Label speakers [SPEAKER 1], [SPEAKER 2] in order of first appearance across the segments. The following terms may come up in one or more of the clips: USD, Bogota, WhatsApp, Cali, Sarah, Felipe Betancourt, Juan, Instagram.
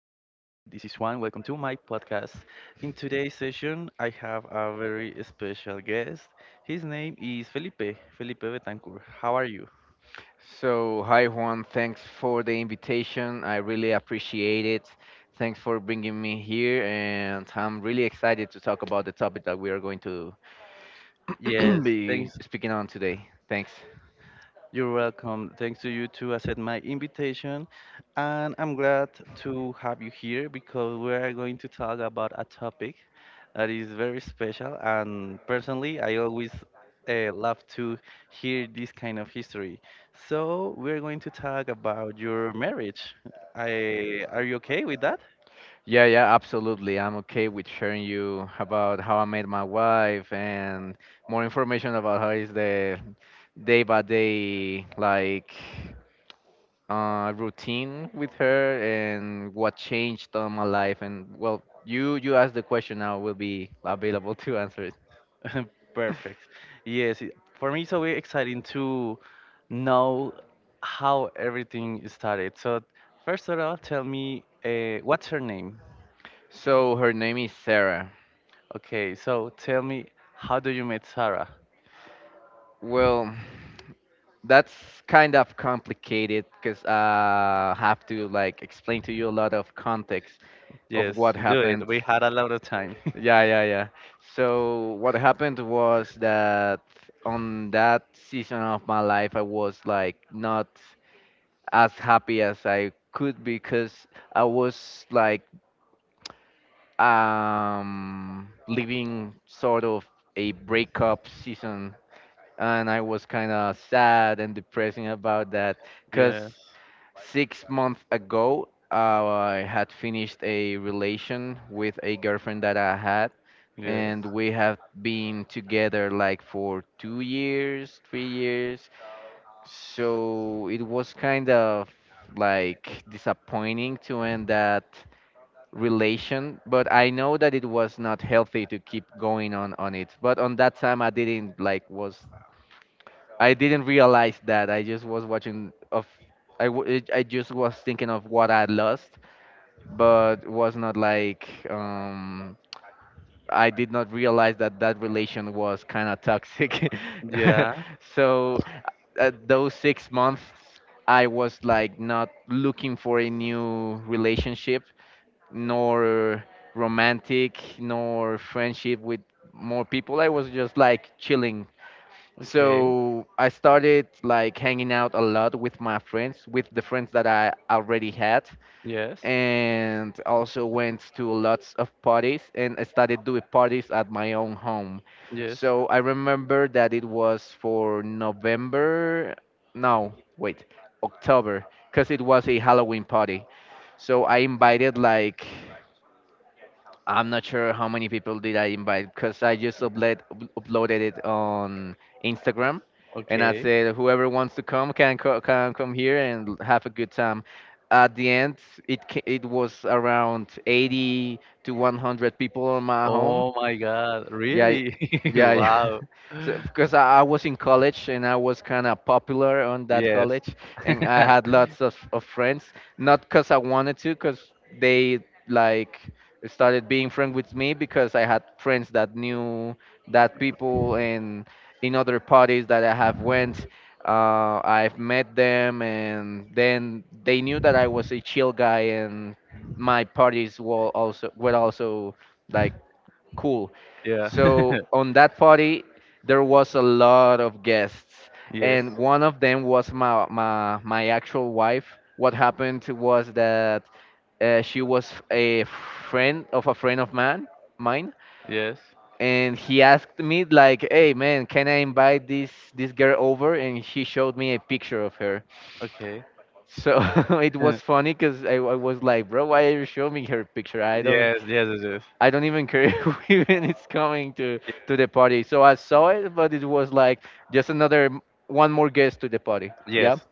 [SPEAKER 1] this is Juan. Welcome to my podcast. In today's session, I have a very special guest. His name is Felipe, Felipe Betancourt. How are you?
[SPEAKER 2] So, hi Juan, thanks for the invitation. I really appreciate it. Thanks for bringing me here, and I'm really excited to talk about the topic that we are going to
[SPEAKER 1] Yes,
[SPEAKER 2] be
[SPEAKER 1] thanks.
[SPEAKER 2] speaking on today. Thanks.
[SPEAKER 1] You're welcome. Thanks to you to accept my invitation. And I'm glad to have you here because we are going to talk about a topic that is very special. And personally, I always love to hear this kind of history. So, we're going to talk about your marriage. Are you okay with that?
[SPEAKER 2] Yeah, yeah, absolutely. I'm okay with sharing you about how I met my wife, and more information about how is the day by day, like routine with her, and what changed on my life. And well, you asked the question. Now will be available to answer it.
[SPEAKER 1] Perfect. Yes, for me it's always exciting to know how everything started. So first of all, tell me what's her name?
[SPEAKER 2] So her name is Sarah.
[SPEAKER 1] Okay, so tell me how do you meet Sarah?
[SPEAKER 2] Well, that's kind of complicated because I have to, like, explain to you a lot of context of
[SPEAKER 1] Yes,
[SPEAKER 2] what
[SPEAKER 1] do it.
[SPEAKER 2] happened.
[SPEAKER 1] We had a lot of time.
[SPEAKER 2] Yeah, yeah, yeah. So what happened was that on that season of my life, I was like not as happy as I could because I was like living sort of a breakup season, and I was kind of sad and depressing about that, cuz
[SPEAKER 1] Yes.
[SPEAKER 2] 6 months ago, I had finished a relation with a girlfriend that I had,
[SPEAKER 1] Yes.
[SPEAKER 2] and we have been together like for 2 years, 3 years, so it was kind of like disappointing to end that relation, but I know that it was not healthy to keep going on it. But on that time, I didn't realize that, I just was watching of, I just was thinking of what I lost, but was not like I did not realize that that relation was kind of toxic.
[SPEAKER 1] Yeah.
[SPEAKER 2] So those 6 months I was like not looking for a new relationship, nor romantic nor friendship with more people. I was just like chilling,
[SPEAKER 1] Okay.
[SPEAKER 2] so I started like hanging out a lot with the friends that I already had,
[SPEAKER 1] Yes.
[SPEAKER 2] and also went to lots of parties, and I started doing parties at my own home.
[SPEAKER 1] Yes.
[SPEAKER 2] So I remember that it was for November. No, wait, October, because it was a Halloween party. So I invited like, I'm not sure how many people did I invite, because I just uploaded it on Instagram, and I
[SPEAKER 1] Okay.
[SPEAKER 2] said whoever wants to come can come here and have a good time. At the end, it was around 80 to 100 people in my home.
[SPEAKER 1] Oh my God,
[SPEAKER 2] Yeah,
[SPEAKER 1] really?
[SPEAKER 2] yeah, yeah.
[SPEAKER 1] Wow.
[SPEAKER 2] So, because I was in college, and I was kind of popular on that
[SPEAKER 1] Yes.
[SPEAKER 2] college, and I had lots of friends. Not because I wanted to, because they like started being friends with me because I had friends that knew that people and in other parties that I have went. I've met them, and then they knew that I was a chill guy, and my parties were also like cool.
[SPEAKER 1] Yeah.
[SPEAKER 2] So on that party, there was a lot of guests,
[SPEAKER 1] Yes.
[SPEAKER 2] and one of them was my actual wife. What happened was that she was a friend of mine,
[SPEAKER 1] Yes.
[SPEAKER 2] and he asked me like, "Hey man, can I invite this girl over?" And he showed me a picture of her,
[SPEAKER 1] Okay.
[SPEAKER 2] so it was
[SPEAKER 1] Uh,
[SPEAKER 2] funny because I was like, bro, why are you showing me her picture? I don't,
[SPEAKER 1] Yes, yes, yes,
[SPEAKER 2] I don't even care who even is coming to the party. So I saw it, but it was like just one more guest to the party.
[SPEAKER 1] yes.
[SPEAKER 2] Yeah.
[SPEAKER 1] Yes.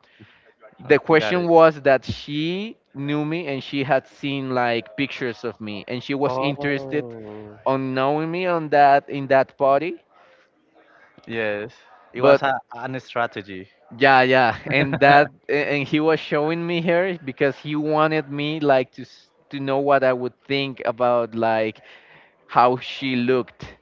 [SPEAKER 1] Uh,
[SPEAKER 2] The
[SPEAKER 1] Got
[SPEAKER 2] question
[SPEAKER 1] it.
[SPEAKER 2] was that she knew me, and she had seen like pictures of me, and she was interested
[SPEAKER 1] Oh.
[SPEAKER 2] on knowing me, on that in that party.
[SPEAKER 1] Yes. It
[SPEAKER 2] But
[SPEAKER 1] was an strategy.
[SPEAKER 2] yeah, yeah, and he was showing me her because he wanted me like to know what I would think about, like, how she looked.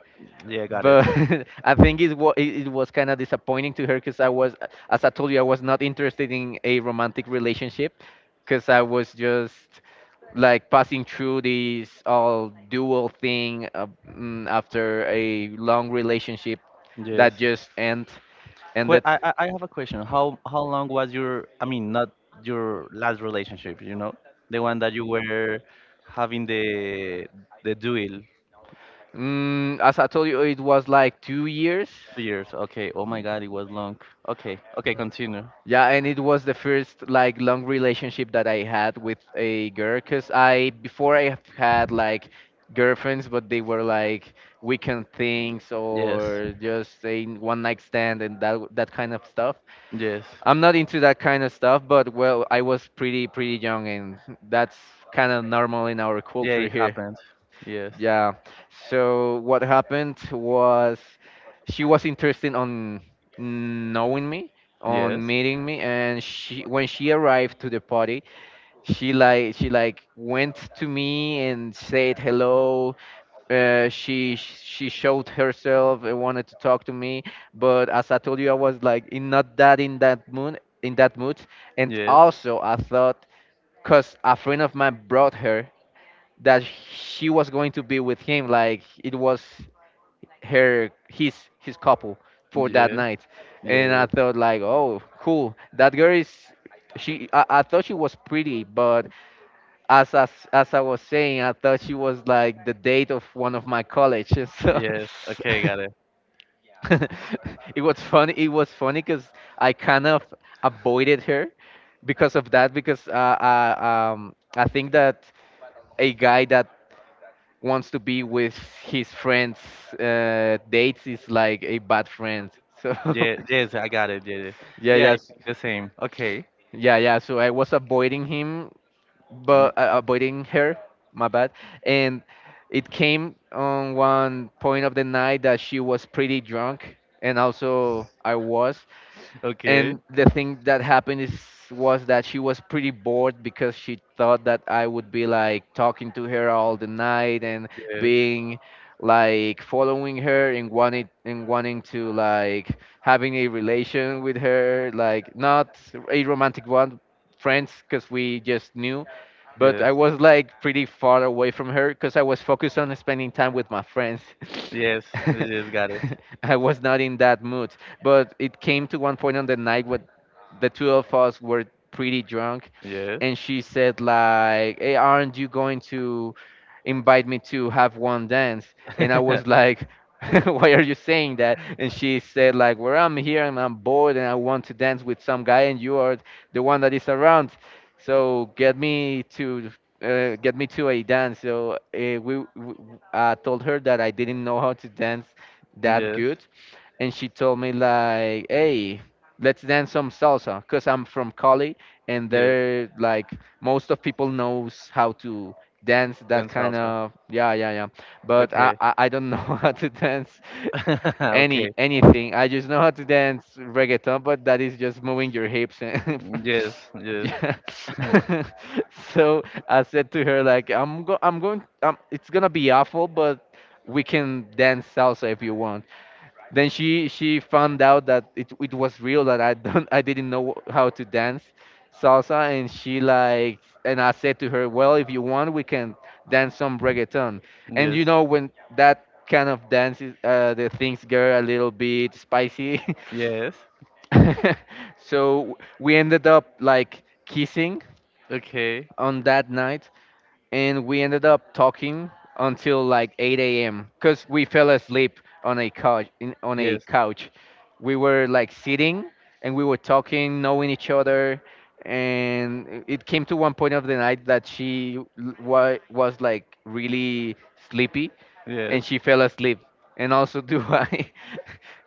[SPEAKER 1] Yeah, got it.
[SPEAKER 2] But I think it was kind of disappointing to her because I was, as I told you, I was not interested in a romantic relationship, because I was just like passing through this all dual thing, after a long relationship that
[SPEAKER 1] Yes.
[SPEAKER 2] just ends, and that.
[SPEAKER 1] I have a question. How long was your? I mean, not your last relationship. You know, the one that you were having the duel.
[SPEAKER 2] As I told you, it was like 2 years.
[SPEAKER 1] 2 years. Okay. Oh my God, it was long. Okay. Okay. Continue.
[SPEAKER 2] Yeah, and it was the first like long relationship that I had with a girl, because I, before, I have had like girlfriends, but they were like weekend things
[SPEAKER 1] Yes.
[SPEAKER 2] or just a one night stand and that that kind of stuff.
[SPEAKER 1] Yes.
[SPEAKER 2] I'm not into that kind of stuff, but well, I was pretty pretty young, and that's kind of normal in our
[SPEAKER 1] Yeah,
[SPEAKER 2] culture
[SPEAKER 1] it
[SPEAKER 2] here.
[SPEAKER 1] happened. Yes.
[SPEAKER 2] Yeah. So what happened was she was interested on knowing me,
[SPEAKER 1] Yes.
[SPEAKER 2] on
[SPEAKER 1] Yes.
[SPEAKER 2] meeting me, and she when she arrived to the party, she like went to me and said hello. She showed herself and wanted to talk to me, but as I told you, I was like in not that in that mood in that mood, and
[SPEAKER 1] Yes.
[SPEAKER 2] also I thought, because a friend of mine brought her, that she was going to be with him, like it was her his couple for that night. And I
[SPEAKER 1] Yes.
[SPEAKER 2] thought like, oh cool, that girl is she I thought she was pretty, but as I was saying, I thought she was like the date of one of my colleges. So
[SPEAKER 1] Yes. Okay, got
[SPEAKER 2] it was funny. It was funny because I kind of avoided her because of that. Because I think that a guy that wants to be with his friends' dates is like a bad friend. So
[SPEAKER 1] Yeah, yes, I got it. Yeah, yes.
[SPEAKER 2] yeah,
[SPEAKER 1] Yeah,
[SPEAKER 2] yes.
[SPEAKER 1] I the same. Okay.
[SPEAKER 2] Yeah, yeah. So I was avoiding him,
[SPEAKER 1] Mm,
[SPEAKER 2] but avoiding her. My bad. And it came on one point of the night that she was pretty drunk, and also I was,
[SPEAKER 1] okay.
[SPEAKER 2] and the thing that happened is was that she was pretty bored because she thought that I would be like talking to her all the night and
[SPEAKER 1] Yes.
[SPEAKER 2] being like following her and wanting to, like, having a relation with her, like not a romantic one, friends, because we just knew. But
[SPEAKER 1] Yes.
[SPEAKER 2] I was like pretty far away from her because I was focused on spending time with my friends.
[SPEAKER 1] Yes. Yes. Got it.
[SPEAKER 2] I was not in that mood. But it came to one point on the night when the two of us were pretty drunk,
[SPEAKER 1] Yes.
[SPEAKER 2] and she said like, "Hey, aren't you going to invite me to have one dance?" And I was like. Why are you saying that? And she said like, well, I'm here and I'm bored and I want to dance with some guy, and you are the one that is around. So get me to a dance. So I told her that I didn't know how to dance that
[SPEAKER 1] Yes.
[SPEAKER 2] good, and she told me like, "Hey, let's dance some salsa," because I'm from Cali, and
[SPEAKER 1] Yes.
[SPEAKER 2] there like most of people knows how to dance that
[SPEAKER 1] Then
[SPEAKER 2] kind
[SPEAKER 1] salsa.
[SPEAKER 2] of, yeah yeah yeah. But I
[SPEAKER 1] Okay.
[SPEAKER 2] I, I don't know how to dance
[SPEAKER 1] Okay.
[SPEAKER 2] anything. I just know how to dance reggaeton, but that is just moving your hips and.
[SPEAKER 1] Yes. Yes.
[SPEAKER 2] Yeah. So I said to her like, I'm going, it's gonna be awful but we can dance salsa if you want. Then she found out that it was real that I don't I didn't know how to dance salsa, and she like, and I said to her, well, if you want we can dance some reggaeton, and you
[SPEAKER 1] Yes.
[SPEAKER 2] know when that kind of dances, the things get a little bit spicy.
[SPEAKER 1] Yes.
[SPEAKER 2] So we ended up like kissing
[SPEAKER 1] Okay.
[SPEAKER 2] on that night, and we ended up talking until like 8 a.m. because we fell asleep on a couch. On a
[SPEAKER 1] Yes.
[SPEAKER 2] couch, we were like sitting, and we were talking, knowing each other, and it came to one point of the night that she was like really sleepy, and
[SPEAKER 1] Yes.
[SPEAKER 2] she fell asleep. And also do I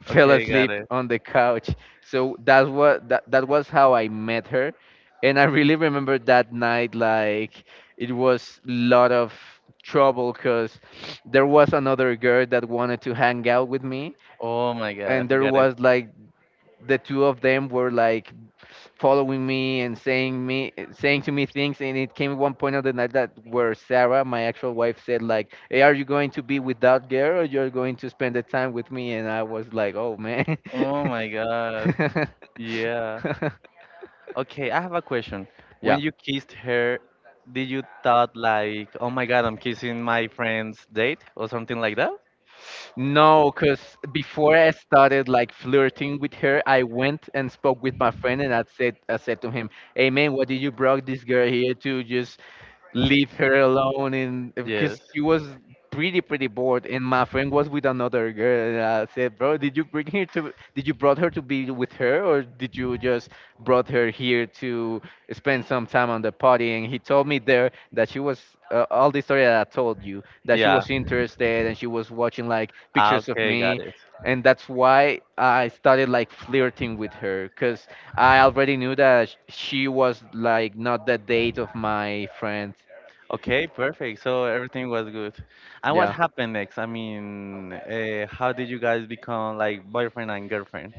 [SPEAKER 2] fell
[SPEAKER 1] Okay, got
[SPEAKER 2] asleep
[SPEAKER 1] it.
[SPEAKER 2] on the couch. So that's what that was how I met her. And I really remember that night like it was a lot of trouble because there was another girl that wanted to hang out with me,
[SPEAKER 1] Oh my god,
[SPEAKER 2] and there
[SPEAKER 1] got it.
[SPEAKER 2] was like the two of them were like following me and saying to me things. And it came one point of the night that where Sarah, my actual wife, said like, "Hey, are you going to be with that girl or you're going to spend the time with me?" And I was like, "Oh man."
[SPEAKER 1] Oh my god. Yeah. Okay, I have a question. When
[SPEAKER 2] Yeah.
[SPEAKER 1] you kissed her, did you thought like, "Oh my god, I'm kissing my friend's date" or something like that?
[SPEAKER 2] No, because before I started like flirting with her, I went and spoke with my friend and I said to him, "Hey man, what did you brought this girl here to just leave her alone?" And
[SPEAKER 1] Yes.
[SPEAKER 2] because she was pretty bored, and my friend was with another girl, and I said, "Bro, did you brought her to be with her, or did you just brought her here to spend some time on the party?" And he told me there that she was, all the story that I told you, that she
[SPEAKER 1] Yeah.
[SPEAKER 2] was interested and she was watching like
[SPEAKER 1] Ah,
[SPEAKER 2] pictures of
[SPEAKER 1] okay, got
[SPEAKER 2] me.
[SPEAKER 1] it.
[SPEAKER 2] And that's why I started like flirting with her, because I already knew that she was like not the date of my friend.
[SPEAKER 1] Okay, perfect. So everything was good. And what
[SPEAKER 2] Yeah.
[SPEAKER 1] happened next? I mean, how did you guys become like boyfriend and girlfriend?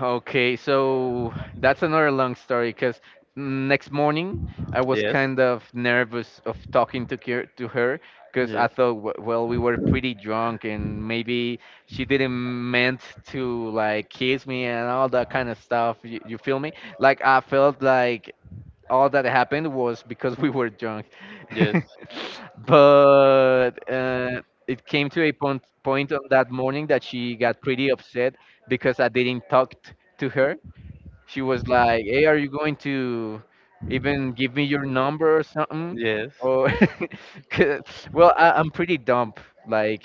[SPEAKER 2] Okay, so that's another long story because next morning I was
[SPEAKER 1] Yes.
[SPEAKER 2] kind of nervous of talking to her, because I
[SPEAKER 1] Yes.
[SPEAKER 2] thought,
[SPEAKER 1] Well,
[SPEAKER 2] well, we were pretty drunk and maybe she didn't meant to like kiss me and all that kind of stuff. You feel me? Like I felt like all that happened was because we were drunk.
[SPEAKER 1] yes.
[SPEAKER 2] But it came to a point on that morning that she got pretty upset because I didn't talk to her. She was like, "Hey, are you going to even give me your number or something?
[SPEAKER 1] Yes.
[SPEAKER 2] Or," 'cause- well, I'm pretty dumb, like,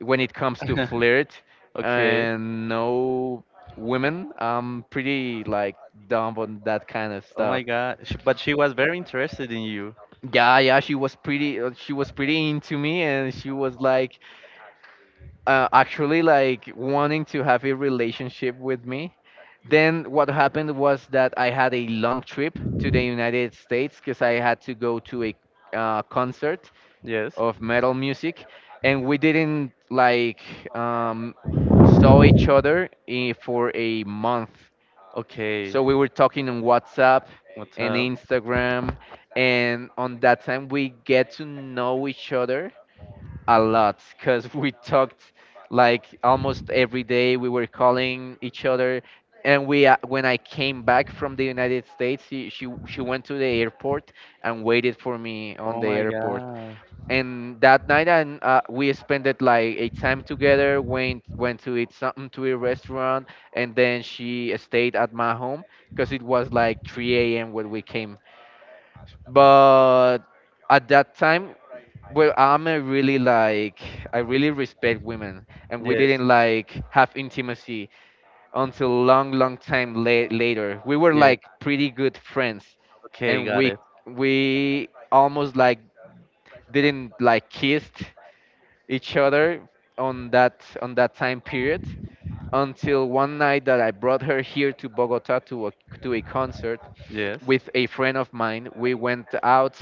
[SPEAKER 2] when it comes to flirt
[SPEAKER 1] Okay.
[SPEAKER 2] and no women. I'm pretty like dumb on that kind of
[SPEAKER 1] Oh my
[SPEAKER 2] stuff.
[SPEAKER 1] God. Sh- But she was very interested in you.
[SPEAKER 2] Yeah, yeah, she was pretty into me, and she was like, actually, like wanting to have a relationship with me. Then what happened was that I had a long trip to the United States because I had to go to a, concert
[SPEAKER 1] Yes.
[SPEAKER 2] of metal music, and we didn't like, um, saw each other, for a month.
[SPEAKER 1] Okay,
[SPEAKER 2] So we were talking on WhatsApp
[SPEAKER 1] what's
[SPEAKER 2] and
[SPEAKER 1] up?
[SPEAKER 2] Instagram, and on that time we get to know each other a lot because we talked like almost every day. We were calling each other, and we when I came back from the United States, she went to the airport and waited for me on
[SPEAKER 1] Oh
[SPEAKER 2] the
[SPEAKER 1] my
[SPEAKER 2] airport.
[SPEAKER 1] god.
[SPEAKER 2] And that night, and we spent it like a time together, went to eat something to a restaurant, and then she stayed at my home because it was like 3 a.m when we came. But at that time, well, I really respect women, and we
[SPEAKER 1] Yes,
[SPEAKER 2] didn't
[SPEAKER 1] yeah.
[SPEAKER 2] like have intimacy until long long time later. We were like pretty good friends,
[SPEAKER 1] Okay,
[SPEAKER 2] and
[SPEAKER 1] got
[SPEAKER 2] we
[SPEAKER 1] it.
[SPEAKER 2] we almost like didn't like kissed each other on that time period, until one night that I brought her here to Bogota to a concert
[SPEAKER 1] Yes.
[SPEAKER 2] with a friend of mine. We went out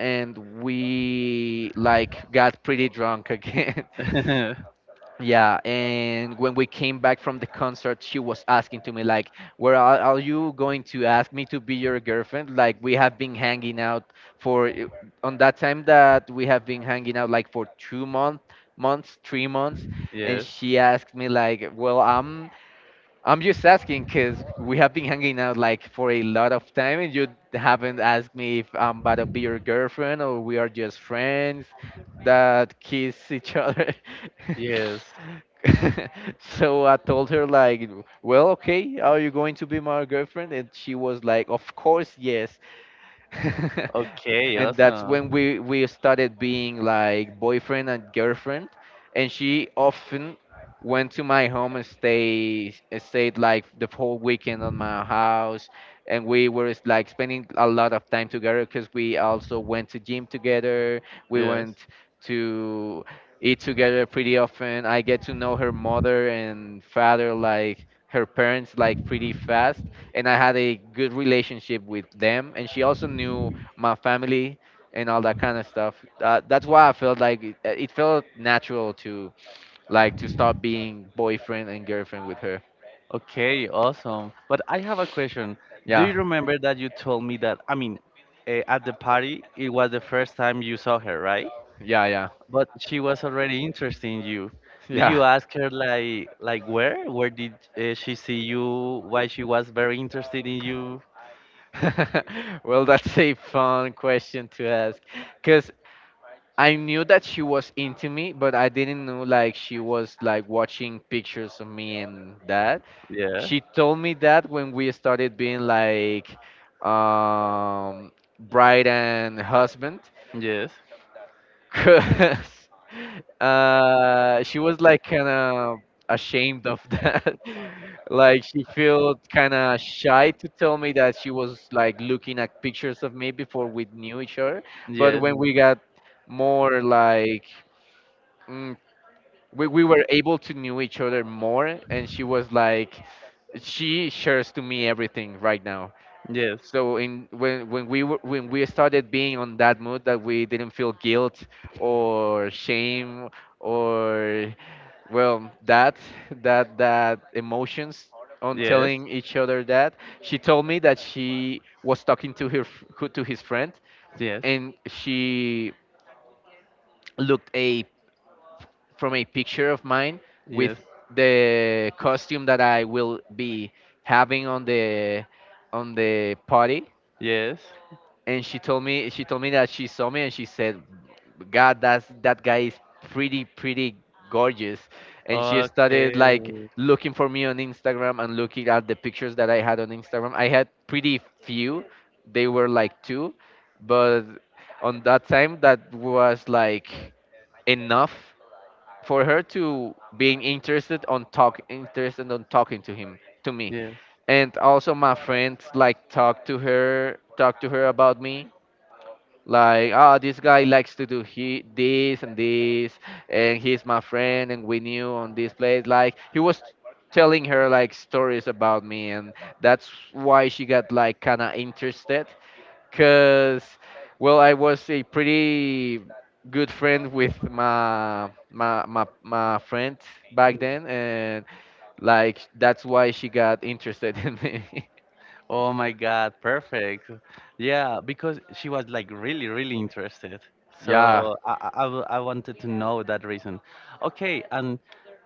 [SPEAKER 2] and we like got pretty drunk again. Yeah, and when we came back from the concert, she was asking to me like, Are you going to ask me to be your girlfriend? Like, we have been hanging out for on that time that we have been hanging out like for two-month months 3 months." And
[SPEAKER 1] Yes,
[SPEAKER 2] she asked me like, "Well, I'm just asking because we have been hanging out like for a lot of time, and you haven't asked me if I'm about to be your girlfriend, or we are just friends that kiss each other."
[SPEAKER 1] yes.
[SPEAKER 2] So I told her like, "Well, okay, are you going to be my girlfriend?" And she was like, "Of course, yes."
[SPEAKER 1] Okay,
[SPEAKER 2] And that's when
[SPEAKER 1] awesome.
[SPEAKER 2] we started being like boyfriend and girlfriend, and she often went to my home and stayed like the whole weekend on my house. And we were like spending a lot of time together because we also went to gym together, we
[SPEAKER 1] Yes.
[SPEAKER 2] went to eat together pretty often. I get to know her mother and father, like her parents, like pretty fast, and I had a good relationship with them. And she also knew my family and all that kind of stuff. That's why I felt like it felt natural to like to start being boyfriend and girlfriend with her.
[SPEAKER 1] Okay, awesome. But I have a question. Do
[SPEAKER 2] Yeah.
[SPEAKER 1] you remember that you told me that, I mean, at the party, it was the first time you saw her, right?
[SPEAKER 2] Yeah, yeah,
[SPEAKER 1] But she was already interested in you. Did you
[SPEAKER 2] yeah.
[SPEAKER 1] ask her like where? Where did she see you? Why she was very interested in you?
[SPEAKER 2] Well, that's a fun question to ask, because I knew that she was into me, but I didn't know like she was like watching pictures of me and that.
[SPEAKER 1] Yeah.
[SPEAKER 2] She told me that when we started being like, um bride and husband,
[SPEAKER 1] Yes.
[SPEAKER 2] cause she was like kind of ashamed of that. Like, she felt kind of shy to tell me that she was like looking at pictures of me before we knew each other. But
[SPEAKER 1] Yes.
[SPEAKER 2] when we got more like, mm, we were able to know each other more, and she was like, she shares to me everything right now.
[SPEAKER 1] Yes.
[SPEAKER 2] So in when we were, when we started being on that mood that we didn't feel guilt or shame, or well, that emotions on
[SPEAKER 1] Yes.
[SPEAKER 2] telling each other that, she told me that she was talking to her to his friend,
[SPEAKER 1] Yes.
[SPEAKER 2] and she looked a from a picture of mine with
[SPEAKER 1] Yes.
[SPEAKER 2] the costume that I will be having on the party.
[SPEAKER 1] Yes.
[SPEAKER 2] And she told me that she saw me, and she said, "God, that guy is pretty gorgeous." And she started like
[SPEAKER 1] Okay.
[SPEAKER 2] looking for me on Instagram and looking at the pictures that I had on Instagram. I had pretty few, they were like two, but on that time that was like enough for her to being interested on talking to me.
[SPEAKER 1] Yeah.
[SPEAKER 2] And also my friends like talk to her about me, like, this guy likes to do he this and this, and he's my friend, and we knew on this place," like he was telling her like stories about me. And that's why she got like kind of interested. Cause, well, I was a pretty good friend with my friend back then, and like that's why she got interested in me.
[SPEAKER 1] Oh my God, perfect. Yeah, because she was like really, really interested. Yeah.
[SPEAKER 2] Yeah.
[SPEAKER 1] So I wanted to know that reason. Okay, and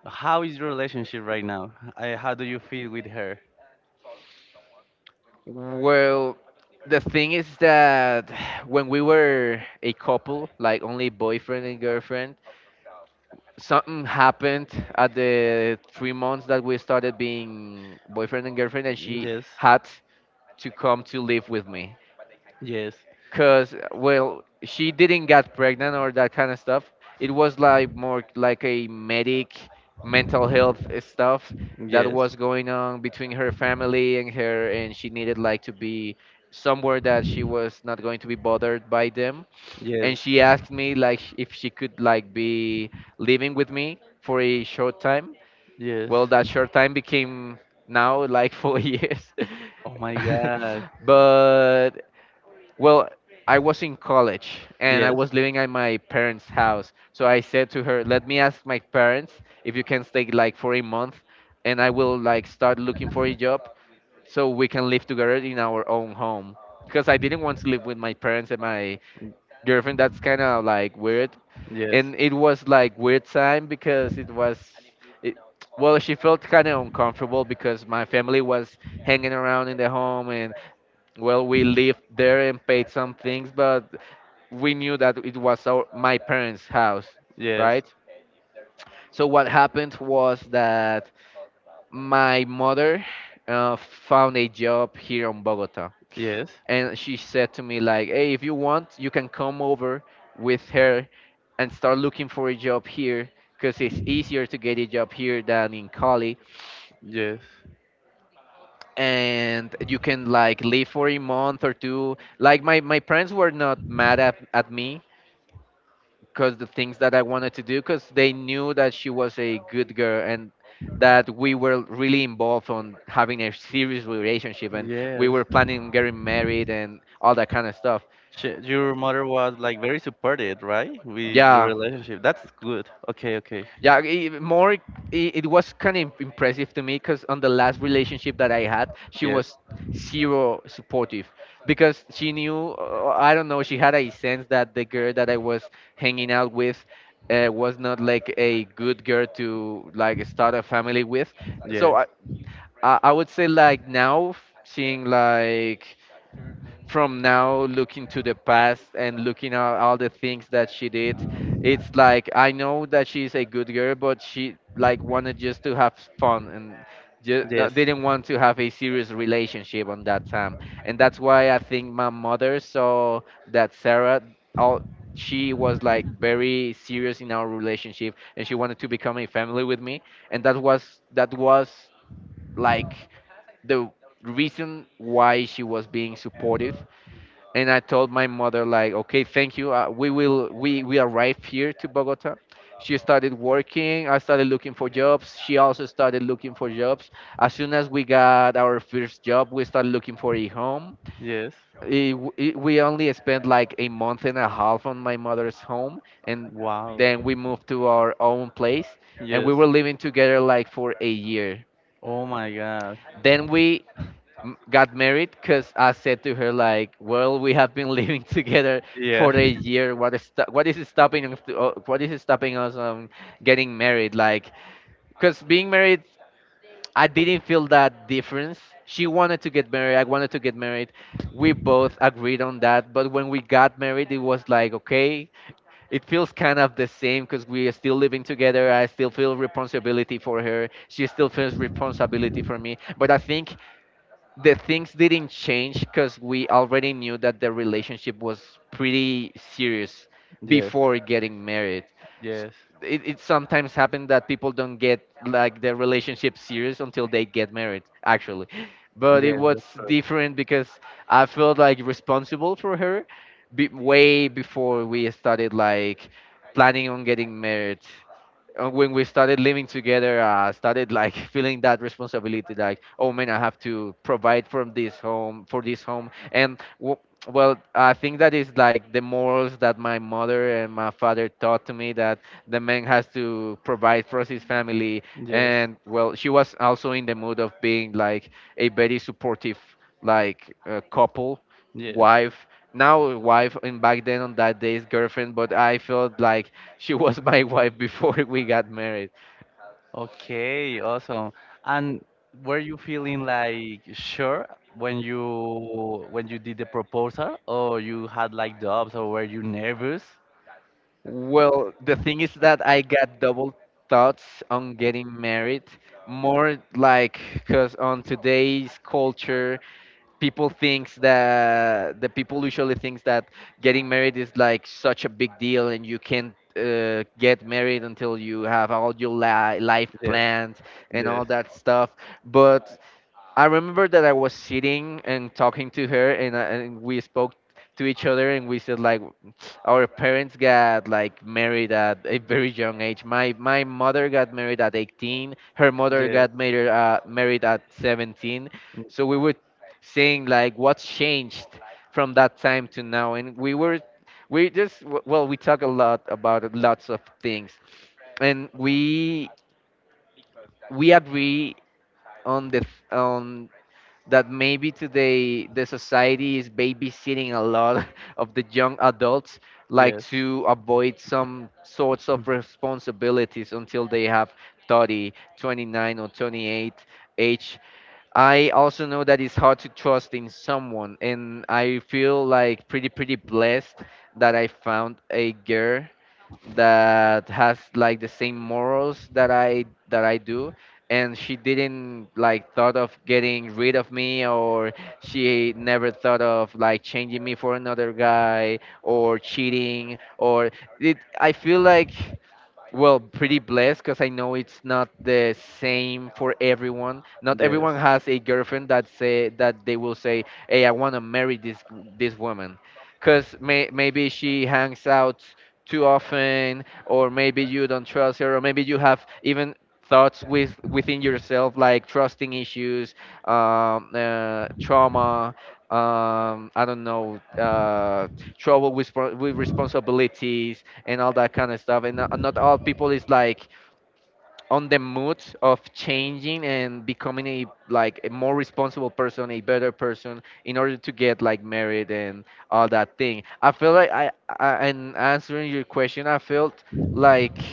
[SPEAKER 1] how is your relationship right now? How do you feel with her?
[SPEAKER 2] Well, the thing is that, when we were a couple, like only boyfriend and girlfriend, something happened at the 3 months that we started being boyfriend and girlfriend, and she
[SPEAKER 1] Yes,
[SPEAKER 2] had to come to live with me.
[SPEAKER 1] yes,
[SPEAKER 2] Cause, well, she didn't get pregnant or that kind of stuff. It was like more like mental health stuff that
[SPEAKER 1] yes,
[SPEAKER 2] was going on between her family and her, and she needed like to be somewhere that she was not going to be bothered by them. And
[SPEAKER 1] yes,
[SPEAKER 2] she asked me like, if she could like be living with me for a short time.
[SPEAKER 1] yes.
[SPEAKER 2] Well, that short time became now like 4 years.
[SPEAKER 1] Oh my God.
[SPEAKER 2] But, well, I was in college and I was living at my parents' house. So I said to her, "Let me ask my parents if you can stay like for a month, and I will like start looking for a job so we can live together in our own home." Because I didn't want to live with my parents and my girlfriend. That's kind of like weird. And it was like weird time, because it, well, she felt kind of uncomfortable because my family was hanging around in the home, and, well, we lived there and paid some things, but we knew that it was our my parents house,
[SPEAKER 1] Yes.
[SPEAKER 2] right? So what happened was that my mother, found a job here in Bogota,
[SPEAKER 1] Yes.
[SPEAKER 2] and she said to me like, "Hey, if you want, you can come over with her and start looking for a job here because it's easier to get a job here than in Cali,
[SPEAKER 1] Yes.
[SPEAKER 2] and you can like live for a month or two." Like, my parents were not mad at me because the things that I wanted to do, because they knew that she was a good girl and that we were really involved on having a serious relationship and we were planning on getting married and all that kind of stuff.
[SPEAKER 1] Your mother was like very supported, right? With your
[SPEAKER 2] Yeah,
[SPEAKER 1] relationship. That's good. Okay, okay.
[SPEAKER 2] yeah, it was kind of impressive to me because on the last relationship that I had, she was zero supportive because she knew, I don't know, she had a sense that the girl that I was hanging out with, was not like a good girl to like start a family with. So I would say like now, seeing like from now looking to the past and looking at all the things that she did, it's like I know that she's a good girl, but she like wanted just to have fun and just
[SPEAKER 1] Yes.
[SPEAKER 2] didn't want to have a serious relationship on that time. And that's why I think my mother saw that Sarah, all, she was like very serious in our relationship, and she wanted to become a family with me. And that was like the reason why she was being supportive. And I told my mother like, "Okay, thank you." We will, we arrived here to Bogota. She started working. I started looking for jobs. She also started looking for jobs. As soon as we got our first job, we started looking for a home.
[SPEAKER 1] Yes.
[SPEAKER 2] It, we only spent like a month and a half on my mother's home, and
[SPEAKER 1] Wow.
[SPEAKER 2] then we moved to our own place, and we
[SPEAKER 1] Yes.
[SPEAKER 2] were living together like for a year.
[SPEAKER 1] Oh my God.
[SPEAKER 2] Then we got married because I said to her like, "Well, we have been living together
[SPEAKER 1] Yeah.
[SPEAKER 2] for a year. What is stopping us to, what is stopping us getting married?" Like, because being married, I didn't feel that difference. She wanted to get married. I wanted to get married. We both agreed on that. But when we got married, it was like, okay, it feels kind of the same because we are still living together. I still feel responsibility for her. She still feels responsibility for me. But I think the things didn't change because we already knew that the relationship was pretty serious
[SPEAKER 1] Yes.
[SPEAKER 2] before getting married. S-
[SPEAKER 1] Yes.
[SPEAKER 2] It, it sometimes happens that people don't get like their relationship serious until they get married, actually. But it
[SPEAKER 1] Yes,
[SPEAKER 2] was
[SPEAKER 1] that's true.
[SPEAKER 2] different because I felt like responsible for her way before we started like planning on getting married. Uh, when we started living together, I started like feeling that responsibility, like, oh man, I have to provide from this home for this home, and well, I think that is like the morals that my mother and my father taught to me, that the man has to provide for his family,
[SPEAKER 1] Yes.
[SPEAKER 2] and well, she was also in the mood of being like a very supportive, couple,
[SPEAKER 1] Yes.
[SPEAKER 2] wife. Now wife, and back then on that days girlfriend, but I felt like she was my wife before we got married.
[SPEAKER 1] Okay, awesome. And were you feeling like sure when you did the proposal, or you had like doubts, or were you nervous?
[SPEAKER 2] Well, the thing is that I got double thoughts on getting married. More like because on today's culture, people usually thinks that getting married is like such a big deal and you can't get married until you have all your life
[SPEAKER 1] Yes,
[SPEAKER 2] planned and
[SPEAKER 1] yes,
[SPEAKER 2] all that stuff. But I remember that I was sitting and talking to her, and, and we spoke to each other, and we said like, our parents got like married at a very young age. My mother got married at 18. Her mother
[SPEAKER 1] yes,
[SPEAKER 2] got married at 17.
[SPEAKER 1] mm,
[SPEAKER 2] So we were saying like, what's changed from that time to now? And we were we just w- well, we talk a lot about lots of things, and we agree on that maybe today the society is babysitting a lot of the young adults like
[SPEAKER 1] yes.
[SPEAKER 2] to
[SPEAKER 1] Yes.
[SPEAKER 2] avoid some sorts of responsibilities until they have 30 29 or 28 age. I also know that it's hard to trust in someone, and I feel like pretty blessed that I found a girl that has like the same morals that I do, and she didn't like thought of getting rid of me, or she never thought of like changing me for another guy or cheating, or it, I feel like, well, pretty blessed because I know it's not the same for everyone. Not everyone has a girlfriend that say that they will say, "Hey, I want to marry this this woman," because maybe she hangs out too often, or maybe you don't trust her, or maybe you have even thoughts within yourself, like trusting issues, trauma. I don't know, trouble with, with responsibilities, and all that kind of stuff. And not all people is like on the mood of changing and becoming a like a more responsible person, a better person in order to get like married and all that thing. I feel like I and answering your question, I felt like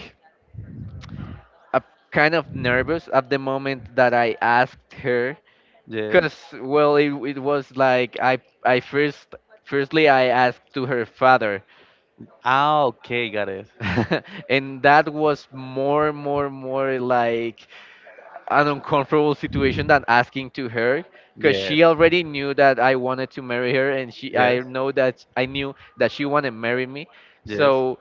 [SPEAKER 2] a kind of nervous at the moment that I asked her,
[SPEAKER 1] Yes.
[SPEAKER 2] because well, it was like I first firstly I asked to her father,
[SPEAKER 1] Ah, okay, got it.
[SPEAKER 2] and that was more like an uncomfortable situation than asking to her, because
[SPEAKER 1] Yes.
[SPEAKER 2] she already knew that I wanted to marry her, and she
[SPEAKER 1] Yes.
[SPEAKER 2] I know that I knew that she wanted to marry me.
[SPEAKER 1] Yes.
[SPEAKER 2] So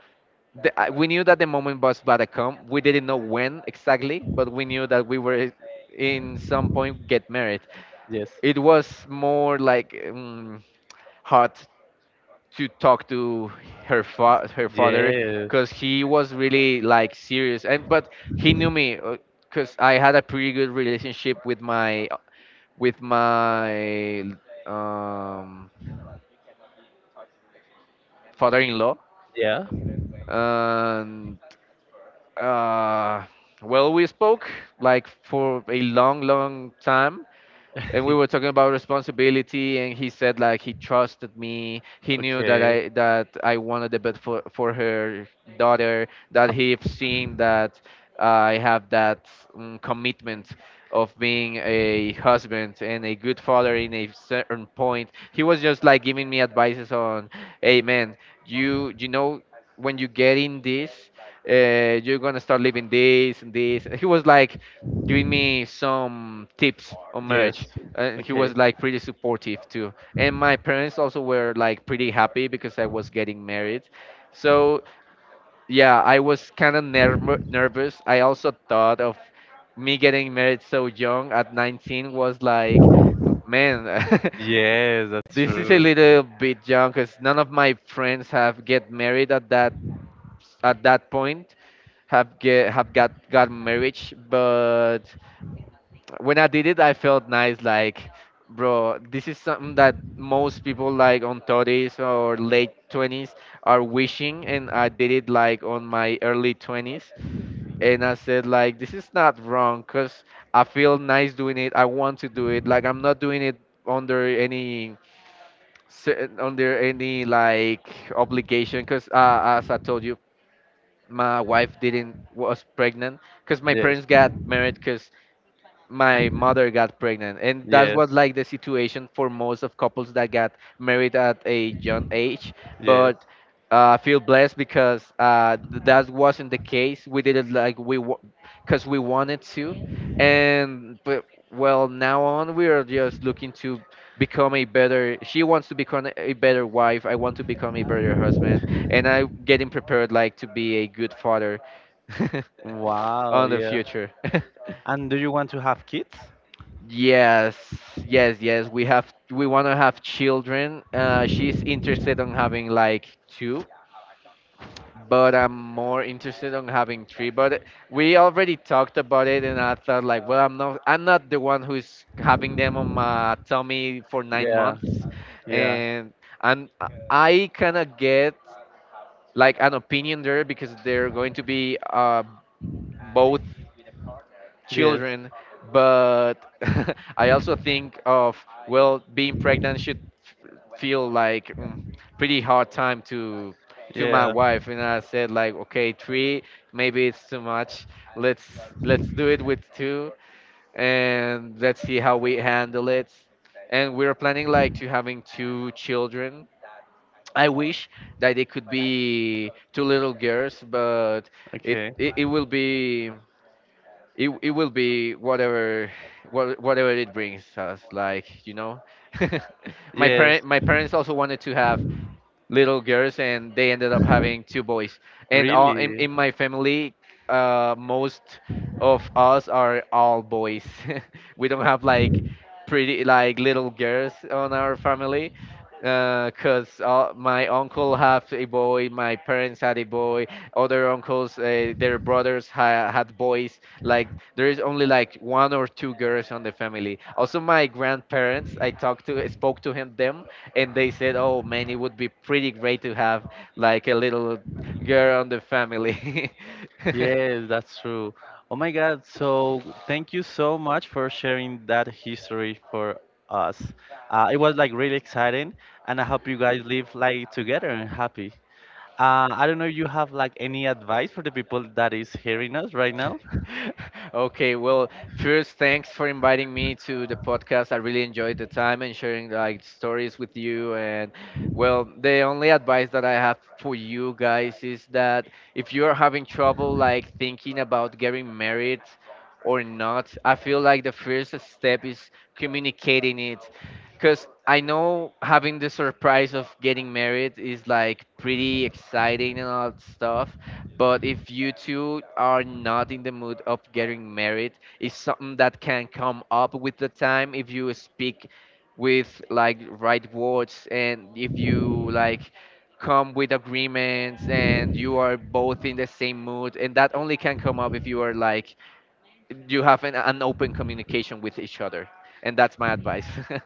[SPEAKER 2] we knew that the moment was about to come. We didn't know when exactly, but we knew that we were in some point get married.
[SPEAKER 1] Yes.
[SPEAKER 2] It was
[SPEAKER 1] Yes.
[SPEAKER 2] more like, hard to talk to her father,
[SPEAKER 1] Yeah.
[SPEAKER 2] because he was really like serious, and but he knew me because I had a pretty good relationship with my, um, father-in-law, and uh, well, we spoke like for a long time, and we were talking about responsibility, and he said like he trusted me. He knew
[SPEAKER 1] Okay.
[SPEAKER 2] that I wanted the best for her daughter, that he have seen that I have that, commitment of being a husband and a good father. In a certain point, he was just like giving me advices on, hey man, you know, when you get in this, you're gonna start living this and this. He was like giving me some
[SPEAKER 1] Yes.
[SPEAKER 2] tips on marriage, and he
[SPEAKER 1] Okay.
[SPEAKER 2] was like pretty supportive too, and my parents also were like pretty happy because I was getting married. So yeah, I was kind of nervous. I also thought of me getting married so young at 19, was like, man,
[SPEAKER 1] Yes, that's
[SPEAKER 2] this is a
[SPEAKER 1] true.
[SPEAKER 2] little bit young, because none of my friends have get married at that point, have got marriage. But when I did it, I felt nice. Like, bro, this is something that most people like on 30s or late 20s are wishing, and I did it like on my early 20s. And I said, like, this is not wrong because I feel nice doing it. I want to do it. Like, I'm not doing it under any cer- under any like obligation, because as I told you, my wife didn't was pregnant. Because my parents got married because
[SPEAKER 1] Yes.
[SPEAKER 2] my mother got pregnant, and that
[SPEAKER 1] Yes,
[SPEAKER 2] was like the situation for most of couples that got married at a young
[SPEAKER 1] was
[SPEAKER 2] age.
[SPEAKER 1] yes.
[SPEAKER 2] But I feel blessed because that wasn't the case. We did it like we, because we wanted to. And but, well, now on we are just looking to become a better, she wants to become a better wife, I want to become a better husband, and I'm getting prepared like to be a good father
[SPEAKER 1] Wow,
[SPEAKER 2] on the
[SPEAKER 1] yeah.
[SPEAKER 2] future.
[SPEAKER 1] And do you want to have kids?
[SPEAKER 2] Yes, yes. We have we want to have children. She's interested on having like two, but I'm more interested on having three. But we already talked about it, and I thought like, well, I'm not the one who's
[SPEAKER 1] The
[SPEAKER 2] having them on
[SPEAKER 1] is
[SPEAKER 2] my tummy for nine
[SPEAKER 1] Yeah,
[SPEAKER 2] months,
[SPEAKER 1] and yeah.
[SPEAKER 2] and I kinda get like an opinion there, because they're going to be both children. But I also think of, well, being pregnant should f- feel like, pretty hard time to my
[SPEAKER 1] Yes, my
[SPEAKER 2] wife, and
[SPEAKER 1] yeah.
[SPEAKER 2] I said like, okay, three, maybe it's too much. Let's let's do it with two, and let's see how we handle it. And we're planning like to having two children. I wish that they could be two little girls, but
[SPEAKER 1] Okay.
[SPEAKER 2] it will be, it will be whatever, whatever it brings us, like, you know.
[SPEAKER 1] my Yes.
[SPEAKER 2] My parents also wanted to have
[SPEAKER 1] and now
[SPEAKER 2] little girls, and they ended up having two boys. And all
[SPEAKER 1] Really?
[SPEAKER 2] in my family, most of us are all boys. We don't have like pretty like little girls on our family, because my uncle have a boy, my parents had a boy, other uncles, their brothers had boys. Like, there is only like one or two girls on the family. Also my grandparents, I talked to spoke to him them, and they said, "Oh man, it would be pretty great to have like a little girl on the family."
[SPEAKER 1] Yes, that's true. Oh my God, so thank you so much for sharing that history for us. It was like really exciting, and I hope you guys live like together and happy. I don't know if you have like any advice for the people that is hearing us right now.
[SPEAKER 2] Okay, well, first, thanks for inviting me to the podcast. I really enjoyed the time and sharing like stories with you. And well, the only advice that I have for you guys is that if you are having trouble like thinking about getting married or not, I feel like the first step is communicating it. Because I know having the surprise of getting married is like pretty exciting and all that stuff. But if you two are not in the mood of getting married, it's something that can come up with the time, if you speak with like right words, and if you like come with agreements and you are both in the same mood. And that only can come up if you are like, you have an open communication with each other, and that's my advice.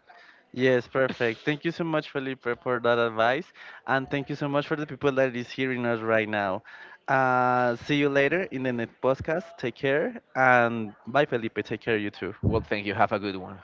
[SPEAKER 1] Yes, perfect. Thank you so much, Felipe, for that advice, and thank you so much for the people that is hearing us right now. See you later in the next podcast. Take care, and bye, Felipe. Take care, you too.
[SPEAKER 2] Well, thank you, have a good one.